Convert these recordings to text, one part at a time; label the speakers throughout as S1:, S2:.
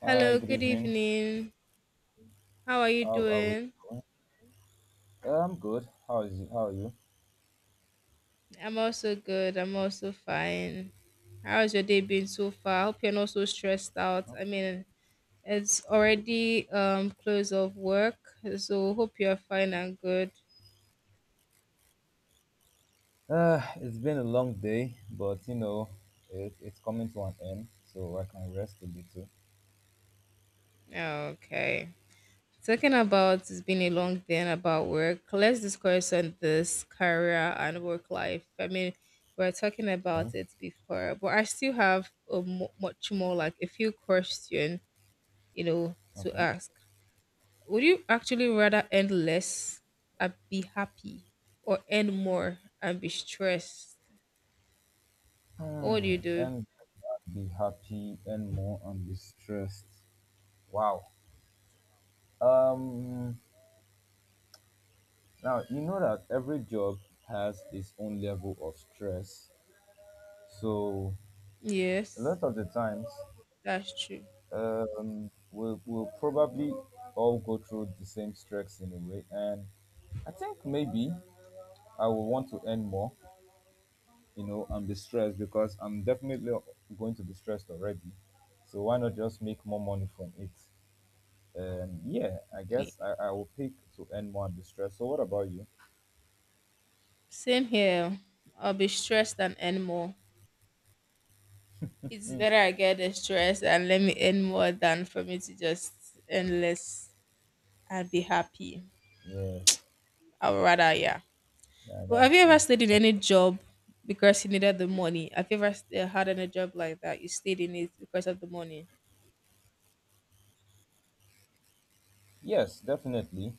S1: Hi,
S2: Hello,
S1: good
S2: good
S1: evening.
S2: evening. How are you
S1: How are we
S2: doing?
S1: doing? I'm good. How is you? How are you?
S2: I'm also good. I'm also fine. How's your day been so far? I hope you're not so stressed out. I mean, it's already close of work, so hope you're fine and good.
S1: It's been a long day, but it's coming to an end, so I can rest a little.
S2: Yeah, okay. Talking about it's been a long day and about work, let's discuss on this career and work life. I mean, we were talking about
S1: Okay.
S2: it before, but I still have a much more like a few questions you know, to
S1: Okay.
S2: ask, would you actually rather earn less and be happy or earn more and be stressed? What would
S1: Hmm.
S2: you do?
S1: And be happy and more and be stressed. Wow. Um. Now you know that every job has its own level of stress. So a
S2: Yes,
S1: lot of the times
S2: that's true.
S1: we'll probably all go through the same stress in a way. And I think maybe I will want to earn more, you know, and be stressed because I'm definitely going to be stressed already. So why not just make more money from it? Yeah, I
S2: Me-
S1: guess I will pick to earn more and be stressed. So what about you?
S2: Same here. I'll be stressed and earn more. It's better I get the stress and let me earn more than for me to just earn less and be happy.
S1: Yes,
S2: I would rather, yeah.
S1: yeah,
S2: But have
S1: that's
S2: you ever
S1: true.
S2: stayed in
S1: That's
S2: any
S1: true.
S2: job because you needed the money? Have you ever had any job like that? You stayed in it because of the money?
S1: Yes, definitely.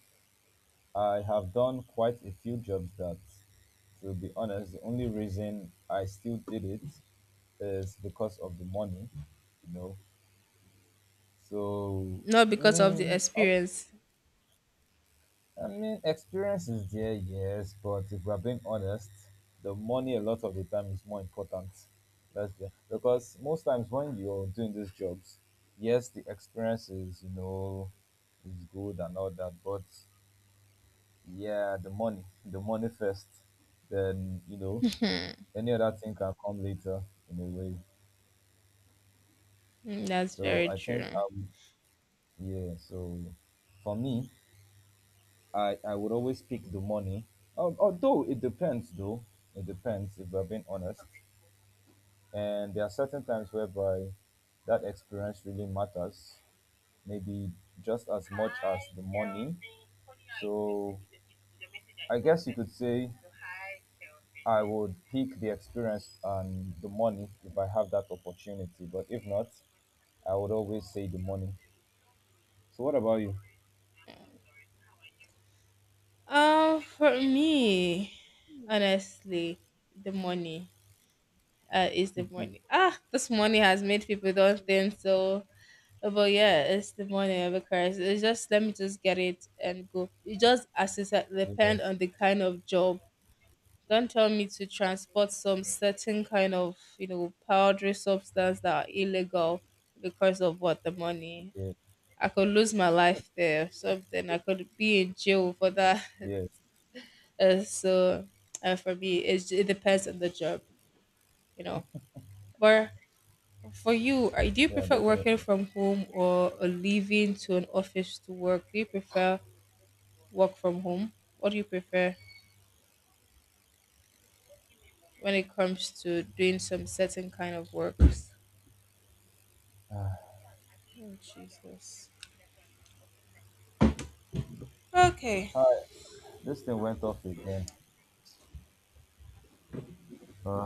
S1: I have done quite a few jobs that, to be honest, the only reason I still did it is because of the money, you know. So
S2: Not
S1: I
S2: because of the
S1: mean, up,
S2: experience.
S1: I mean, experience is there, yes, but if we're being honest, the money a lot of the time is more important. Because most times when you're doing these jobs, yes, the experience is, you know, is good and all that, but yeah, the money first, then, you know, any other thing can come later in a way.
S2: Mm, that's
S1: So
S2: very
S1: I think
S2: true.
S1: I would, yeah. So for me, I would always pick the money. Although it depends, though it depends, if we're being honest. And there are certain times whereby that experience really matters, maybe just as much as the money. So I guess you could say I would pick the experience and the money if I have that opportunity. But if not, I would always say the money. So what about you?
S2: For me, honestly, the money is the money. Ah, this money has made people don't think so. But yeah, it's the money because it's just let me just get it and go. It just as I said, depend
S1: Yes.
S2: on the kind of job. Don't tell me to transport some certain kind of powdery substance that are illegal because of what the money.
S1: Yes,
S2: I could lose my life there or something. I could be in jail for that.
S1: yes,
S2: Uh, so for me, it's, it depends on the job, you know. But for you, do you
S1: yeah,
S2: prefer
S1: definitely.
S2: working from home or leaving to an office to work? Do you prefer work from home? What do you prefer when it comes to doing some certain kind of works?
S1: Ah,
S2: Oh, Jesus. Okay.
S1: all right, this thing went off again. Uh,